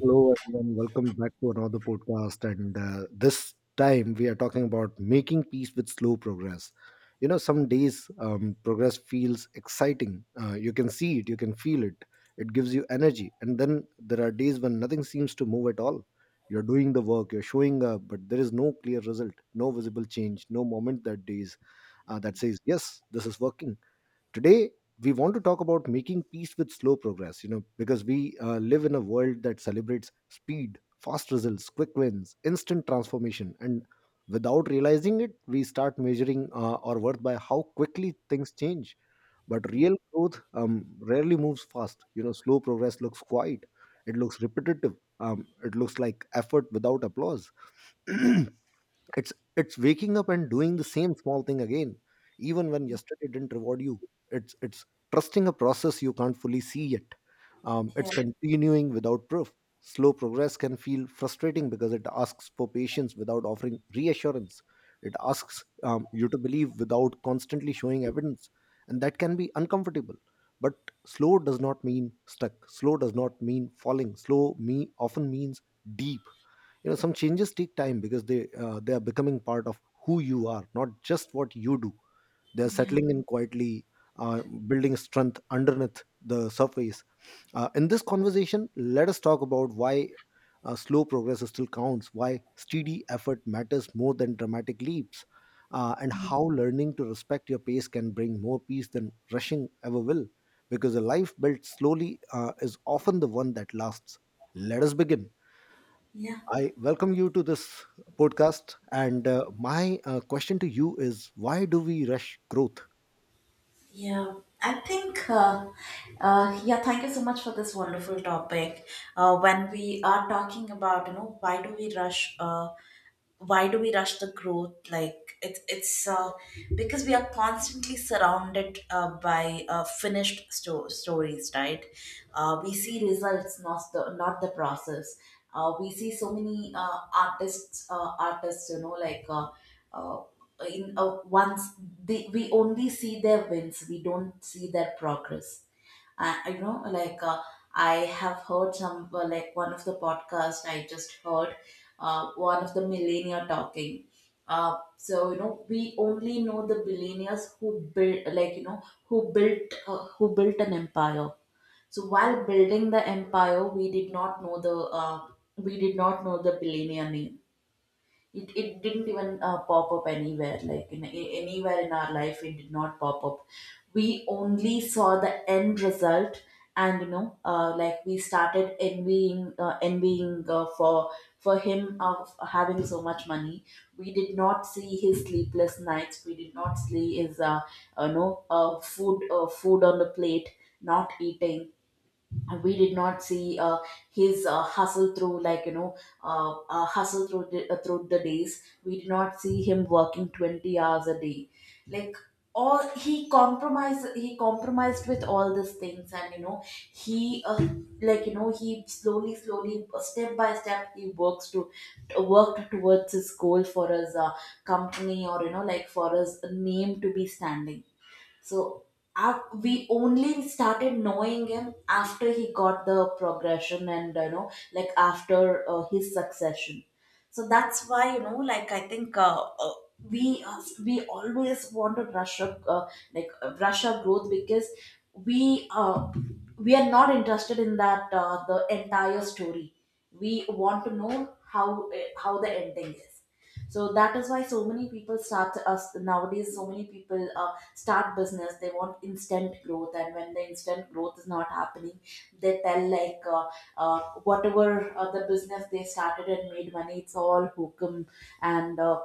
Hello, everyone. Welcome back to another podcast. And This time we are talking about making peace with slow progress. Some days progress feels exciting. You can see it, you can feel it, it gives you energy. And then there are days when nothing seems to move at all. You're doing the work, you're showing up, but there is no clear result, no visible change, no moment that days that says, yes, this is working. Today, we want to talk about making peace with slow progress, because we live in a world that celebrates speed, fast results, quick wins, instant transformation. And without realizing it, we start measuring our worth by how quickly things change. But real growth rarely moves fast. You know, slow progress looks quiet, it looks repetitive, it looks like effort without applause. It's waking up and doing the same small thing again, even when yesterday didn't reward you. It's trusting a process you can't fully see yet. It's Yeah. continuing without proof. Slow progress can feel frustrating because it asks for patience without offering reassurance. It asks you to believe without constantly showing evidence, and that can be uncomfortable. But slow does not mean stuck. Slow does not mean falling. Slow me often means deep. You know, some changes take time because they are becoming part of who you are, not just what you do. They're Yeah. settling in quietly, uh, building strength underneath the surface. Uh, in this conversation, let us talk about why slow progress still counts, why steady effort matters more than dramatic leaps, and Mm. how learning to respect your pace can bring more peace than rushing ever will, because a life built slowly is often the one that lasts. Let us begin. Yeah, I welcome you to this podcast. And my question to you is, why do we rush growth? yeah. I think, yeah, thank you so much for this wonderful topic. When we are talking about, you know, why do we rush? Why do we rush the growth like it's because we are constantly surrounded by finished stories, right? We see results, not the process. We see so many artists, artists, you know, like uh, in once they, we only see their wins, we don't see their progress. You know, I have heard some, like one of the podcast I just heard, one of the millionaire talking. So you know, we only know the billionaires who built, like, you know, who built, who built an empire. So while building the empire, we did not know the, we did not know the billionaire name. It didn't even pop up anywhere, like anywhere in our life it did not pop up. We only saw the end result. And you know, like we started envying, for him, of having so much money. We did not see his sleepless nights, we did not see his, uh, you know, food on the plate, not eating. We did not see, his hustle through, like, you know, hustle through through the days. We did not see him working 20 hours a day. Like, all he compromised, he compromised with all these things. And you know, he like you know he slowly, slowly, step by step, he works to worked towards his goal, for his, company, or, you know, like, for his name to be standing. So we only started knowing him after he got the progression, and, you know, like, after his succession. So that's why, you know, like, I think, uh, we always want to rush up, rush our growth, because we uh, we are not interested in that, the entire story. We want to know how, how the ending is. So that is why so many people start us nowadays, so many people start business, they want instant growth, and when the instant growth is not happening, they tell like, uh, whatever, the business they started and made money, it's all hokum. And,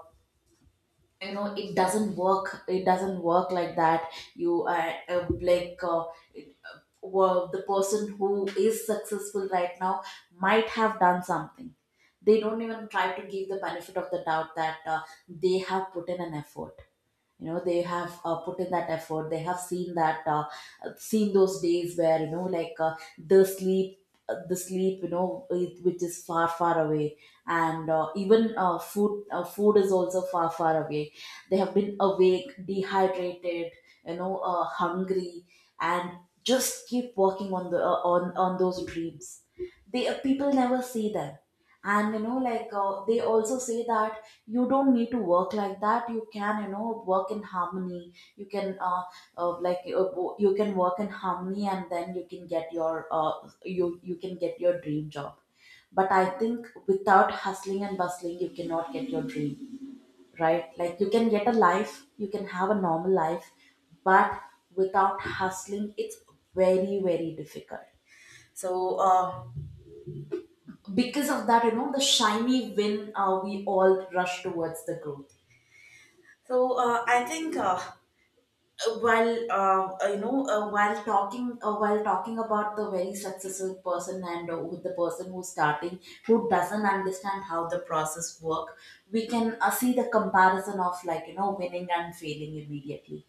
you know, it doesn't work, it doesn't work like that. You, well, the person who is successful right now might have done something. They don't even try to give the benefit of the doubt, that, they have put in an effort. You know, they have, put in that effort, they have seen that, seen those days where, you know, like, the sleep, the sleep, you know, which is far, far away. And even food is also far, far away. They have been awake, dehydrated, you know, hungry, and just keep working on the, on those dreams. They People never see them. And, you know, like, they also say that you don't need to work like that, you can, you know, work in harmony, you can, uh, like uh, you can work in harmony, and then you can get your, you can get your dream job. But I think without hustling and bustling, you cannot get your dream, right? Like, you can get a life, you can have a normal life, but without hustling, it's very, very difficult. So, uh, because of that, you know, the shiny win, we all rush towards the growth. So, I think while you know while talking about the very successful person, and, with the person who's starting, who doesn't understand how the process work, we can, see the comparison of, like, you know, winning and failing immediately,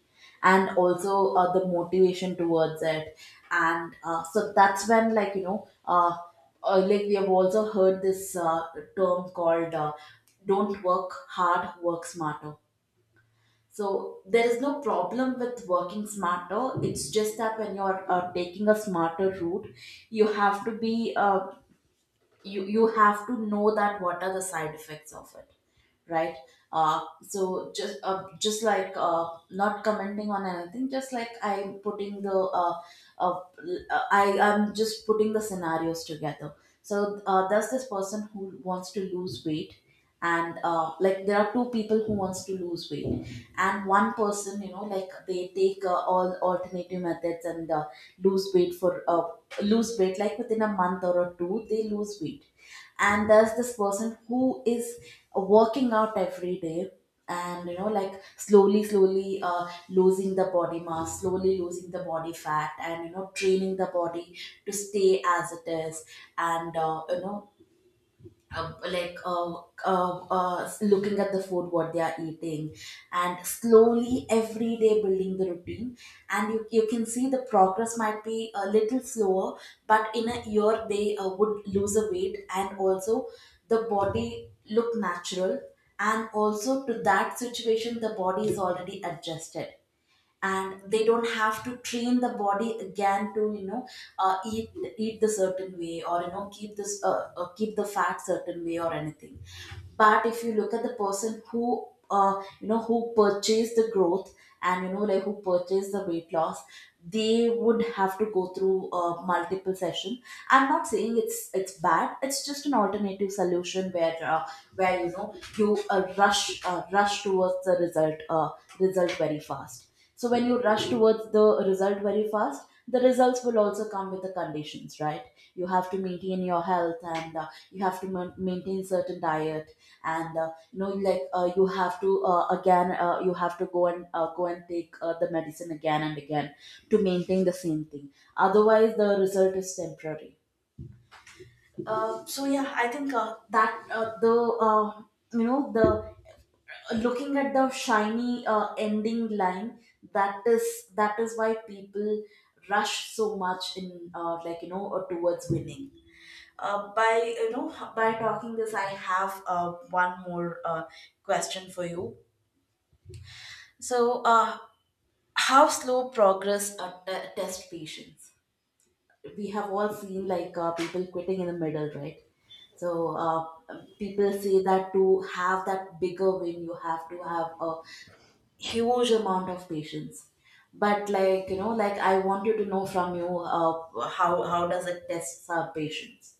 and also, the motivation towards it. And, so that's when like you know like we have also heard this, term called, don't work hard, work smarter. So there is no problem with working smarter. It's just that when you're, taking a smarter route, you have to be, you have to know that what are the side effects of it, right? So just, not commenting on anything, just like I'm putting the, uh, I'm just putting the scenarios together. So, there's this person who wants to lose weight, and, like, there are two people who wants to lose weight, and one person, you know, like, they take, all alternative methods, and, lose weight for uh, lose weight, like within a month or a two, they lose weight. And there's this person who is working out every day, and, you know, like, slowly, slowly, losing the body mass, slowly losing the body fat, and, you know, training the body to stay as it is. And, uh, like uh, looking at the food what they are eating, and slowly, every day, building the routine, and you can see the progress might be a little slower, but in a year, they would lose a weight, and also the body look natural, and also to that situation, the body is already adjusted, and they don't have to train the body again to, you know, uh, eat eat the certain way, or, you know, keep this, keep the fat certain way, or anything. But if you look at the person who, you know, who purchased the growth, and, you know, like, who purchased the weight loss, they would have to go through, multiple session. I'm not saying it's bad, it's just an alternative solution, where, where, you know, you rush towards the result result very fast. So when you rush towards the result very fast, the results will also come with the conditions, right? You have to maintain your health, and, you have to maintain certain diet, and, you know, like, you have to again, you have to go and, go and take, the medicine again and again to maintain the same thing. Otherwise, the result is temporary. So yeah, I think that the you know, the looking at the shiny, ending line, that is why people rush so much in, towards winning, by you know by talking this. I have, one more, question for you. So, how slow progress, test patience? We have all seen, like, people quitting in the middle, right? So, people say that to have that bigger win, you have to have a huge amount of patience. But, like, you know, like, I wanted to know from you, how does it test our patience?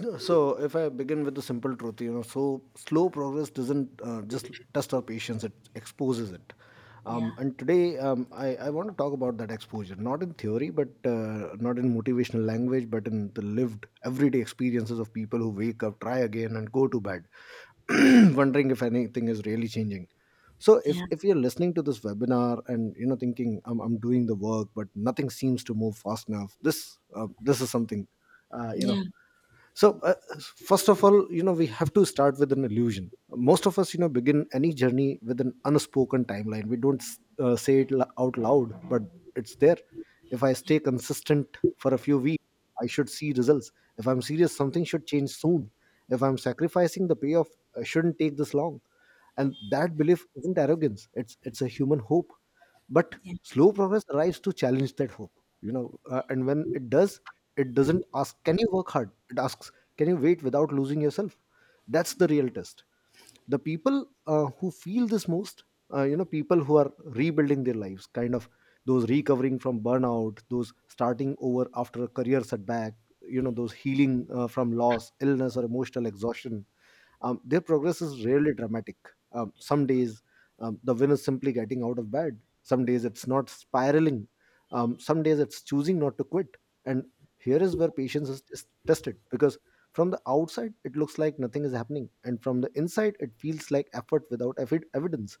So, if I begin with the simple truth, you know, so slow progress doesn't just test our patience, it exposes it. Yeah. And today, I want to talk about that exposure, not in theory, but not in motivational language, but in the lived everyday experiences of people who wake up, try again, and go to bed, wondering if anything is really changing. So, if, Yeah. if you're listening to this webinar and you know thinking I'm doing the work, but nothing seems to move fast enough, this is something uh, you know Yeah. so uh, first of all, you know, we have to start with an illusion. Most of us, you know, begin any journey with an unspoken timeline. We don't say it out loud, but it's there. If I stay consistent for a few weeks, I should see results. If I'm serious, something should change soon. If I'm sacrificing, the payoff I shouldn't take this long. And that belief isn't arrogance, it's a human hope. But Yeah, slow progress arrives to challenge that hope. And when it does, it doesn't ask, can you work hard? It asks, can you wait without losing yourself? That's the real test. The people who feel this most, you know, people who are rebuilding their lives kind of, those recovering from burnout, those starting over after a career setback, you know, those healing from loss, illness, or emotional exhaustion, their progress is rarely dramatic. Some days, the win is simply getting out of bed. Some days it's not spiraling. Some days it's choosing not to quit. And here is where patience is tested, because from the outside it looks like nothing is happening, and from the inside it feels like effort without evidence.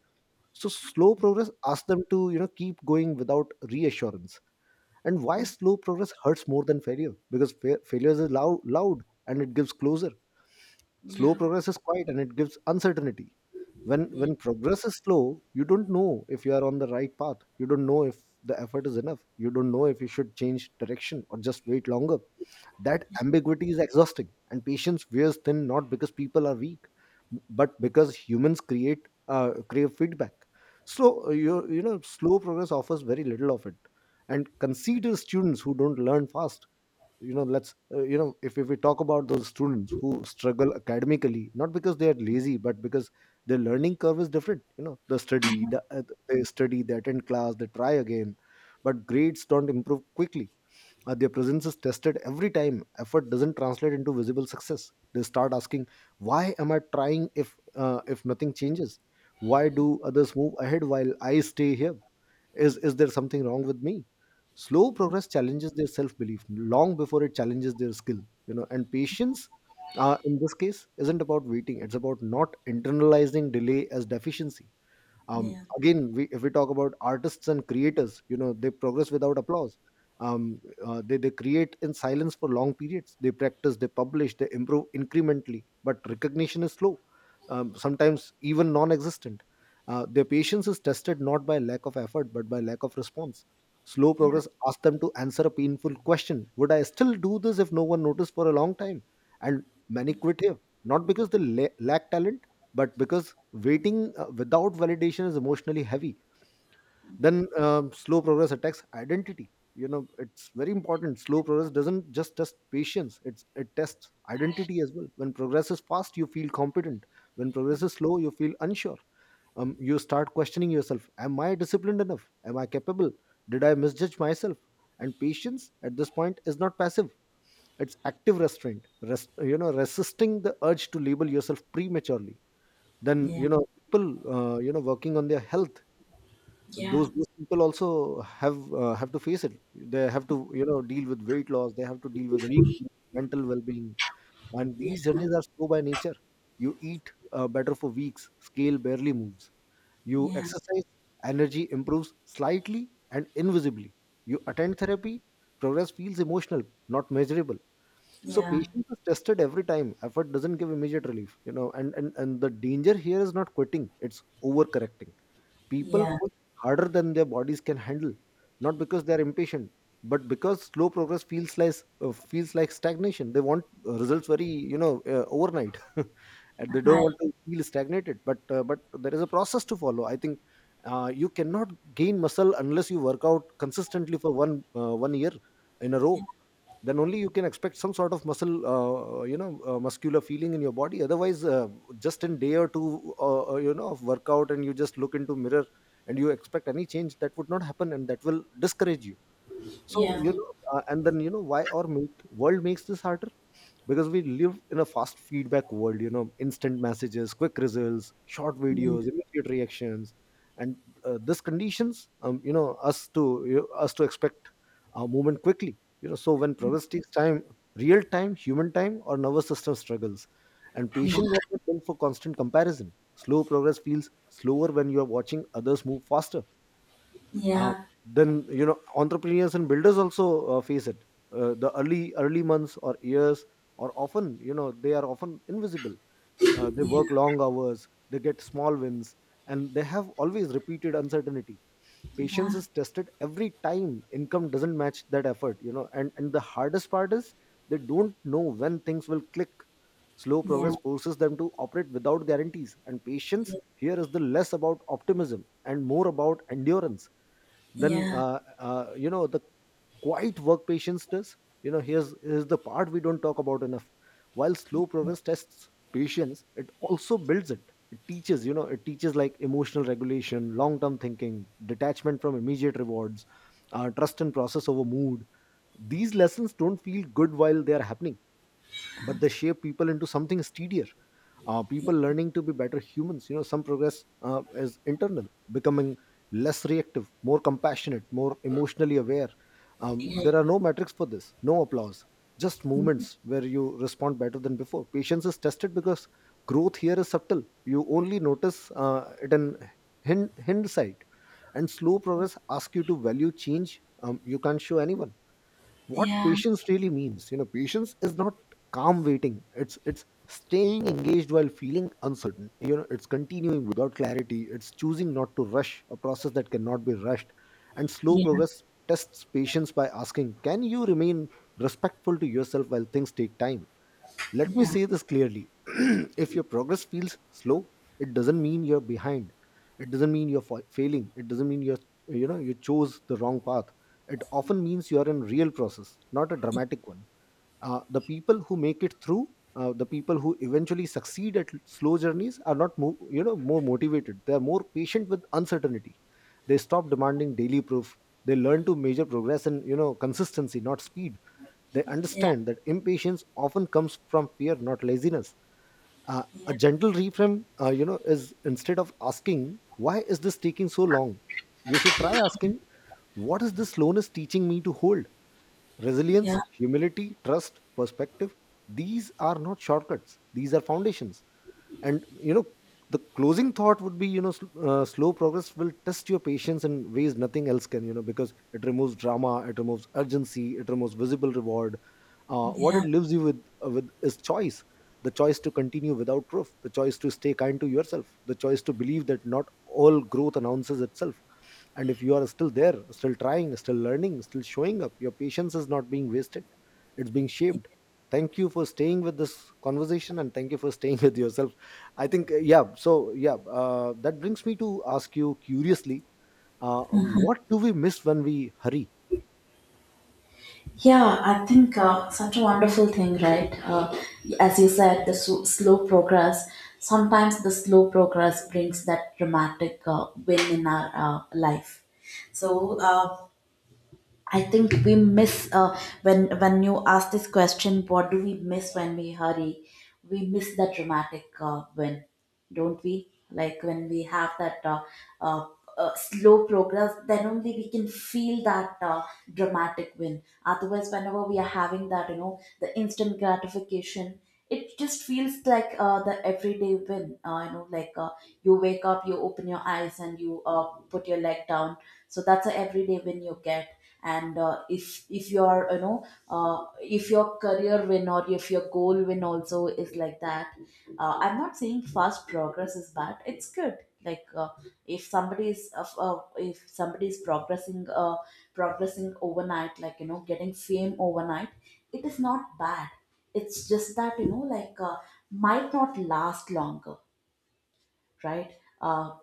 So slow progress asks them to, you know, keep going without reassurance. And why slow progress hurts more than failure? Because failure is loud, loud, and it gives closure. Slow yeah, progress is quiet and it gives uncertainty. yeah, When yeah, when progress is slow, you don't know if you are on the right path. You don't know if the effort is enough. You don't know if you should change direction or just wait longer. That ambiguity is exhausting, and patience wears thin, not because people are weak, but because humans create crave feedback. Slow, you know, slow progress offers very little of it, and consider students who don't learn fast. You know, let's you know if we talk about those students who struggle academically, not because they are lazy but because their learning curve is different, you know, they study, they attend class, they try again, but grades don't improve quickly. Their presence is tested every time effort doesn't translate into visible success. They start asking, "Why am I trying if nothing changes? Why do others move ahead while I stay here? Is there something wrong with me?" Slow progress challenges their self belief long before it challenges their skill. You know, and patience in this case isn't about waiting; it's about not internalizing delay as deficiency. Again, we, if we talk about artists and creators, you know, they progress without applause. They create in silence for long periods. They practice, they publish, they improve incrementally, but recognition is slow, sometimes even non-existent. Their patience is tested not by lack of effort but by lack of response. Slow yeah, progress asks them to answer a painful question: would I still do this if no one noticed for a long time? And many quit here, not because they lack talent, but because waiting without validation is emotionally heavy. Then Slow progress attacks identity. You know, it's very important. Slow progress doesn't just test patience, it tests identity as well. When progress is fast, you feel competent. When progress is slow, you feel unsure. You start questioning yourself: am I disciplined enough? Am I capable? Did I misjudge myself? And patience at this point is not passive, it's active restraint. You know, resisting the urge to label yourself prematurely. Then yeah, you know, people you know, working on their health, yeah, those people also have to face it. They have to, you know, deal with weight loss, they have to deal with mental well-being. And these journeys are slow by nature. You eat better for weeks, scale barely moves. You yeah, exercise, energy improves slightly and invisibly. You attend therapy, progress feels emotional, not measurable. So yeah, patience is tested every time effort doesn't give immediate relief. You know, and the danger here is not quitting, it's overcorrecting. People yeah. push harder than their bodies can handle, not because they are impatient, but because slow progress feels like stagnation. They want results very, you know, overnight and they don't Hi. want to feel stagnated, but there is a process to follow, I think. You cannot gain muscle unless you work out consistently for 1 year in a Yeah, row. Then only you can expect some sort of muscle, muscular feeling in your body. Otherwise, just in day or two, you know, of workout, and you just look into mirror and you expect any change, that would not happen, and that will discourage you. So yeah, you know, and then you know why or make world makes this harder, because we live in a fast feedback world. You know, instant messages, quick results, short videos, yeah, immediate reactions. And this conditions, you know, us to, you know, us to expect our movement quickly. You know, so when progress takes time, real time, human time, or nervous system struggles, and patient was not built for constant comparison. Slow progress feels slower when you are watching others move faster. Uh, yeah, then you know, entrepreneurs and builders also face it. The early months or years or often, you know, they are often invisible. Uh, they yeah, work long hours, they get small wins, and they have always repeated uncertainty. Patience is tested every time income doesn't match that effort. You know, and the hardest part is they don't know when things will click. Slow yeah, progress forces them to operate without guarantees, and patience here is the less about optimism and more about endurance. yeah, Then yeah, You know, the quiet work patience does. You know, here's the part we don't talk about enough. While slow progress tests patience, it also builds it. It teaches, you know, it teaches like emotional regulation, long term thinking, detachment from immediate rewards, trust in process over mood. These lessons don't feel good while they are happening, but they shape people into something steadier, people learning to be better humans, you know. Some progress is internal, becoming less reactive, more compassionate, more emotionally aware. Yeah, There are no metrics for this, no applause, just moments where you respond better than before. Patience is tested because growth here is subtle. You only notice it in hindsight, and slow progress asks you to value change. You can't show anyone what yeah, patience really means. Patience is not calm waiting. It's staying engaged while feeling uncertain. It's continuing without clarity. It's choosing not to rush a process that cannot be rushed. And slow yeah, progress tests patience by asking, can you remain respectful to yourself while things take time? Let me say this clearly. If your progress feels slow, it doesn't mean you're behind. It doesn't mean you're failing. It doesn't mean you're you know you chose the wrong path. It often means you're in real process, not a dramatic one. The people who make it through, the people who eventually succeed at slow journeys are not more more motivated. They are more patient with uncertainty. They stop demanding daily proof. They learn to measure progress in consistency, not speed. They yeah, understand that impatience often comes from fear, not laziness. A yeah, gentle reframe, is, instead of asking, why is this taking so long? You should try asking, what is this slowness teaching me to hold? Resilience, yeah, humility, trust, perspective. These are not shortcuts, these are foundations. And the closing thought would be, slow progress will test your patience in ways nothing else can, because it removes drama, it removes urgency, it removes visible reward. What it yeah. leaves you with is choice: the choice to continue without proof, the choice to stay kind to yourself, the choice to believe that not all growth announces itself. And if you are still there, still trying, still learning, still showing up, your patience is not being wasted. It's being shaped. Thank you for staying with this conversation, and thank you for staying with yourself. I think, yeah. So, yeah, that brings me to ask you curiously, what do we miss when we hurry? Yeah, I think, such a wonderful thing, right? As you said, the slow progress. Sometimes the slow progress brings that dramatic, win in our, life. So, I think we miss, when you ask this question, what do we miss when we hurry? We miss that dramatic, win, don't we? Like when we have that, uh, slow progress, then only we can feel that, dramatic win. Otherwise, whenever we are having that, you know, the instant gratification, it just feels like, the everyday win. You know, like, you wake up, you open your eyes, and you, put your leg down. So that's a everyday win you get, and if your if your career win or if your goal win also is like that. I'm not saying fast progress is bad, it's good. like uh, if somebody is progressing overnight, like you know, getting fame overnight, it is not bad. It's just that, you know, might not last longer, right? uh,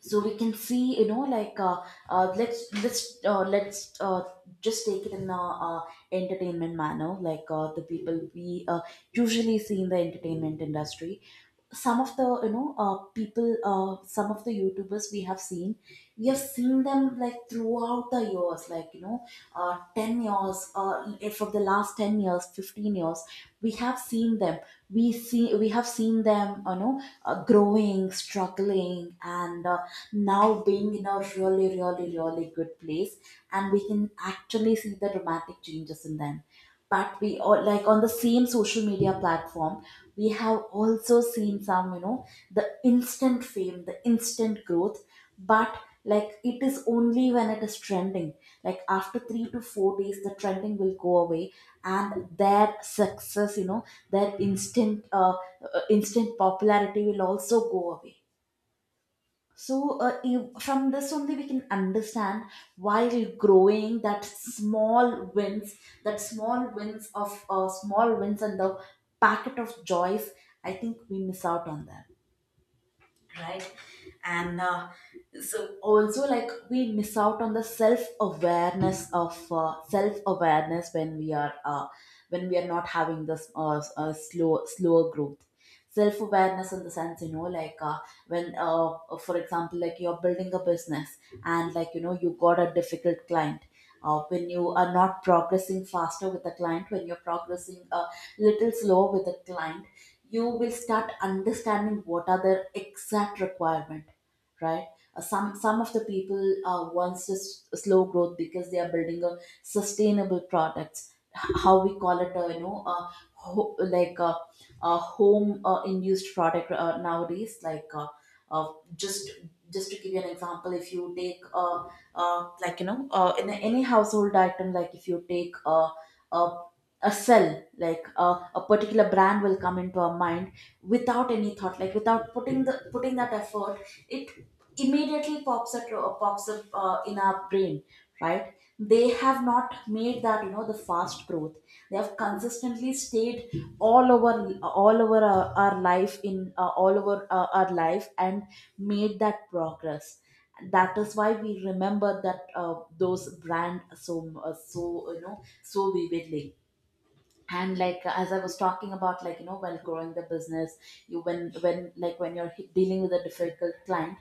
so we can see, you know, like let's just take it in a uh, entertainment manner. The people we usually see in the entertainment industry, some of the you know people some of the youtubers we have seen, we have seen them like throughout the years, like you know, 10 years. For the last 10 years, 15 years, we have seen them. We see we have seen them, you know, growing, struggling, and now being in a really, really, really good place. And we can actually see the dramatic changes in them. But we all, like, on the same social media platform, we have also seen some, you know, the instant fame, the instant growth. But like, it is only when it is trending. Like after 3 to 4 days, the trending will go away, and their success, you know, their instant popularity will also go away. So you- from this only we can understand, while growing, that small wins, that small wins of small wins and the packet of joys, I think we miss out on that, right? and so also, like, we miss out on the self awareness of, self awareness, when we are not having this slower growth. Self awareness in the sense, you know, like when for example, like, you're building a business, and, like, you know, you got a difficult client. When you are not progressing faster with the client, when you're progressing a little slow with the client, you will start understanding what are their exact requirement, right? Some of the people wants a slow growth because they are building a sustainable products. How we call it, ho- like uh a home induced product nowadays. Uh, just just to give you an example, if you take a, in any household item, like if you take a, a cell, a particular brand will come into our mind without any thought, like without putting that effort. It immediately pops up in our brain, right? They have not made that, you know, the fast growth. They have consistently stayed all over our life, in all over our life, and made that progress. That is why we remember that those brand, so, you know, so vividly. And like, as I was talking about, like, you know, while growing the business, you when like when you're dealing with a difficult client,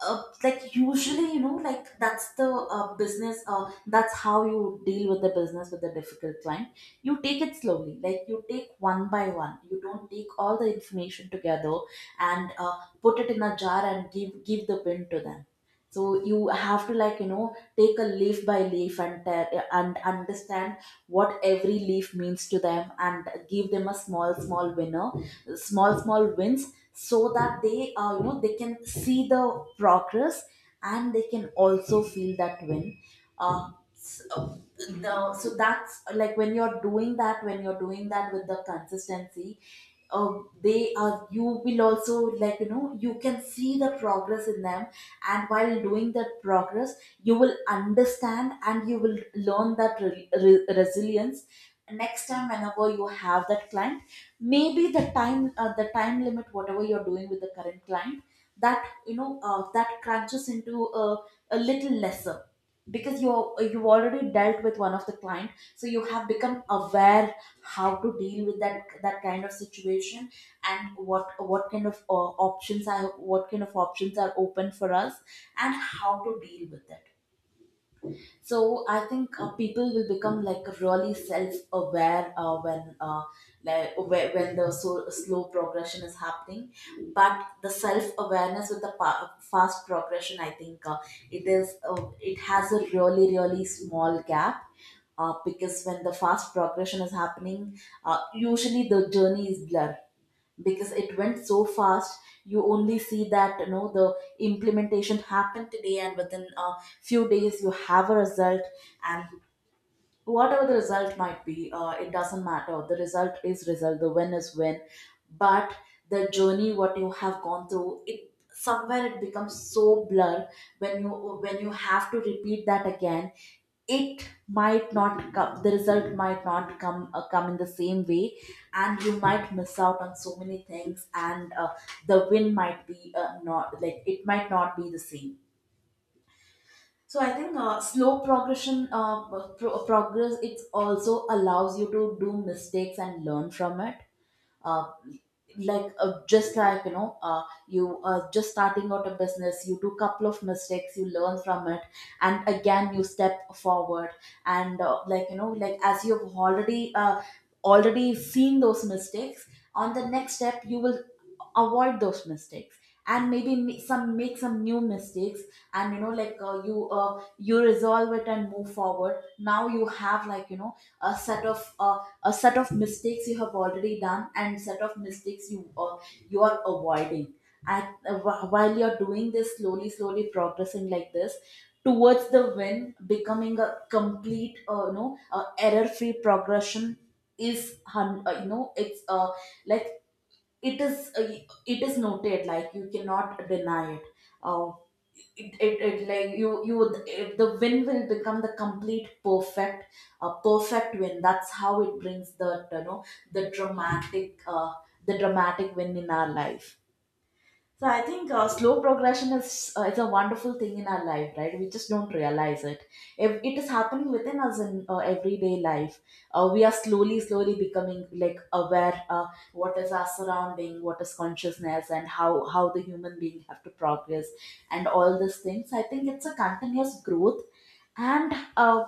like usually, you know, like that's the business that's how you deal with the business with a difficult client. You take it slowly, like you take one by one, you don't take all the information together and put it in a jar and give the pin to them. So you have to, like, you know, take a leaf by leaf, and tell and understand what every leaf means to them, and give them a small small winner small small wins, so that they, you know, they can see the progress, and they can also feel that win. uh, s- uh, so that's like, when you're doing that, when you're doing that with the consistency, uh, they are you will also, like, you know, you can see the progress in them. And while doing that progress, you will understand and you will learn that resilience. Next time, whenever you have that client, maybe the time limit, whatever you're doing with the current client, that you know that crunches into a little lesser, because you already dealt with one of the client, so you have become aware how to deal with that kind of situation, and what kind of options are what kind of options are open for us, and how to deal with it. So I think people will become, like, really self-aware, when the slow progression is happening. But the self-awareness with the fast progression, I think it has a really, really small gap. Because when the fast progression is happening, usually the journey is blurred because it went so fast. You only see that, you know, the implementation happened today, and within a few days you have a result. And whatever the result might be, it doesn't matter, the result is result, the win is win. But the journey, what you have gone through, it somewhere it becomes so blur. When you, when you have to repeat that again, it might not come, the result might not come in the same way, and you might miss out on so many things. And the win might be not like, it might not be the same. So I think, progress, it also allows you to do mistakes and learn from it. Uh, just like, you know, you just starting out a business, you do couple of mistakes, you learn from it, and again you step forward. And, like you know, like as you've already seen those mistakes, on the next step you will avoid those mistakes, and maybe some make some new mistakes. And you know, you resolve it and move forward. Now you have, like, you know, a set of mistakes you have already done, and set of mistakes you, you are avoiding. And while you're doing this, slowly slowly progressing like this towards the win, becoming a complete error free progression is, hun- you know it's like it is uh, it is noted, like you cannot deny it. Uh, it like you would- it, The win will become the complete perfect, perfect win. That's how it brings the, you know, the dramatic uh, the dramatic win in our life. So I think slow progression is, is a wonderful thing in our life, right? We just don't realize it. If it is happening within us in everyday life, we are slowly, slowly becoming, like, aware, what is our surrounding, what is consciousness, and how the human being have to progress, and all these things. I think it's a continuous growth. And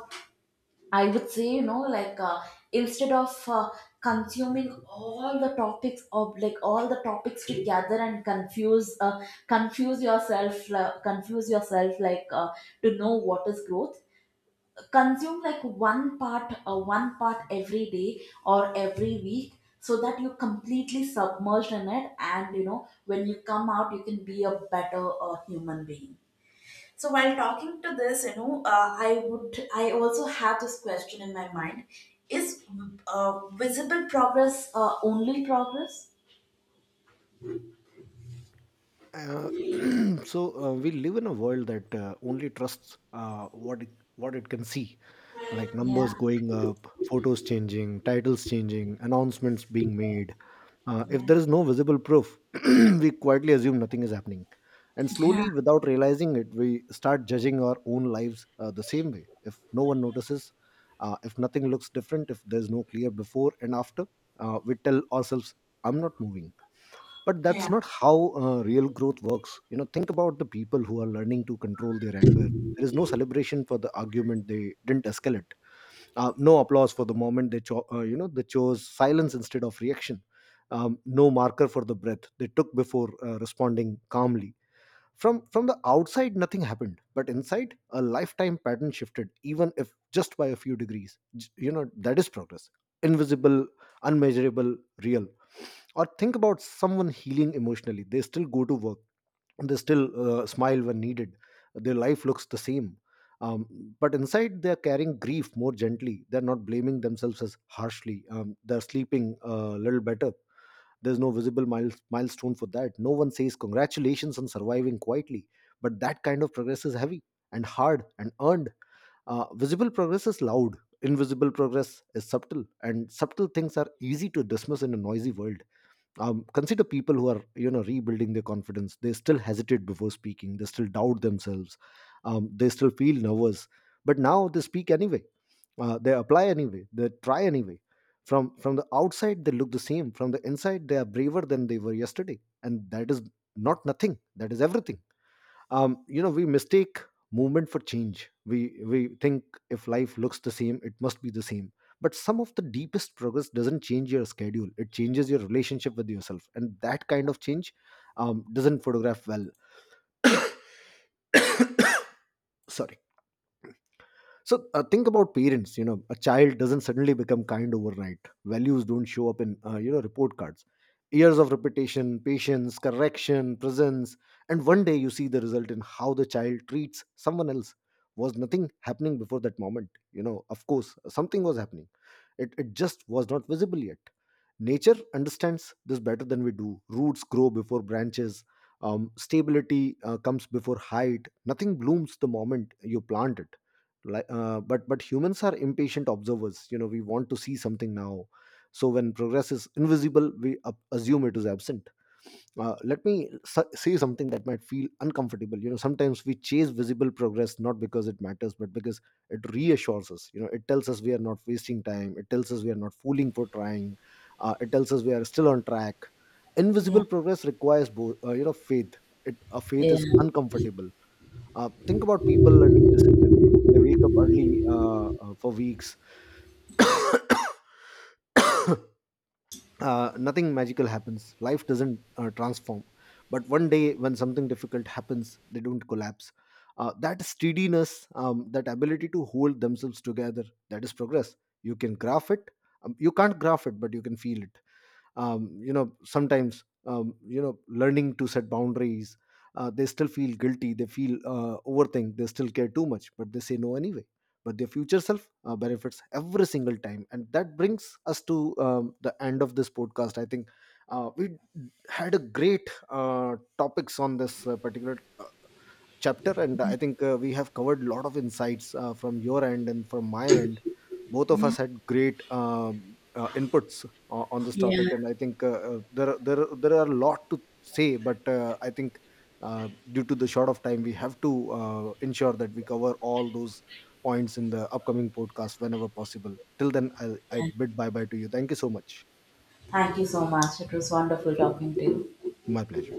I would say, you know, like instead of consuming all the topics of like all the topics together and confuse yourself, to know what is growth. Consume like one part every day or every week, so that you completely submerged in it, and you know when you come out, you can be a better human being. So while talking to this, you know, I would, I also have this question in my mind: is visible progress only progress? Uh, so we live in a world that only trusts what what it can see, like numbers Yeah, going up, photos changing, titles changing, announcements being made. If yeah, there is no visible proof, we quietly assume nothing is happening, and yeah, slowly, without realizing it, we start judging our own lives the same way. If no one notices, if nothing looks different, if there's no clear before and after, we tell ourselves, "I'm not moving." But yeah, that's not how real growth works. Think about the people who are learning to control their anger. There is no celebration for the argument they didn't escalate, no applause for the moment they they chose silence instead of reaction, no marker for the breath they took before responding calmly. From the outside, nothing happened, but inside, a lifetime pattern shifted, even if just by a few degrees. That is progress. Invisible, unmeasurable, real. Or think about someone healing emotionally. They still go to work, they still smile when needed, their life looks the same. um, but inside, they're carrying grief more gently, they're not blaming themselves as harshly, they're sleeping a little better. There's no visible milestone for that, no one says congratulations on surviving quietly. But that kind of progress is heavy and hard and earned. Visible progress is loud, invisible progress is subtle, and subtle things are easy to dismiss in a noisy world. Consider people who are rebuilding their confidence. They still hesitate before speaking, they still doubt themselves, they still feel nervous, but now they speak anyway. They apply anyway, they try anyway. From the outside they look the same, from the inside they are braver than they were yesterday, and that is not nothing, that is everything. We mistake movement for change. We think if life looks the same, it must be the same. But some of the deepest progress doesn't change your schedule, it changes your relationship with yourself, and that kind of change doesn't photograph well. Sorry. So think about parents. You know, a child doesn't suddenly become kind overnight. Values don't show up in report cards. Years of repetition, patience, correction, presence, and one day you see the result in how the child treats someone else. Was nothing happening before that moment? You know, of course, something was happening. It just was not visible yet. Nature understands this better than we do. Roots grow before branches. Stability comes before height. Nothing blooms the moment you plant it. Like, but humans are impatient observers. You know, we want to see something now. So when progress is invisible, we assume it is absent. Let me say something that might feel uncomfortable. You know, sometimes we chase visible progress not because it matters, but because it reassures us. You know, it tells us we are not wasting time, it tells us we are not fooling for trying, it tells us we are still on track. yeah, Invisible progress requires both, faith. It a Faith yeah, is uncomfortable. Think about people learning discipline. They wake up early for weeks. Nothing magical happens. Life doesn't transform. But one day, when something difficult happens, they don't collapse. That steadiness, that ability to hold themselves together, that is progress. You can graph it. You can't graph it, but you can feel it. Sometimes learning to set boundaries, they still feel guilty, they feel overthink, they still care too much, but they say no anyway, but their future self benefits every single time. And that brings us to the end of this podcast, I think. We had a great topics on this particular chapter, and I think we have covered a lot of insights from your end and from my end. Both of yeah. us had great inputs on this topic, Yeah. and I think there are a lot to say, but I think due to the short of time, we have to ensure that we cover all those points in the upcoming podcast whenever possible. Till then, I Yeah. bid bye bye to you. Thank you so much. Thank you so much. It was wonderful talking to you. My pleasure.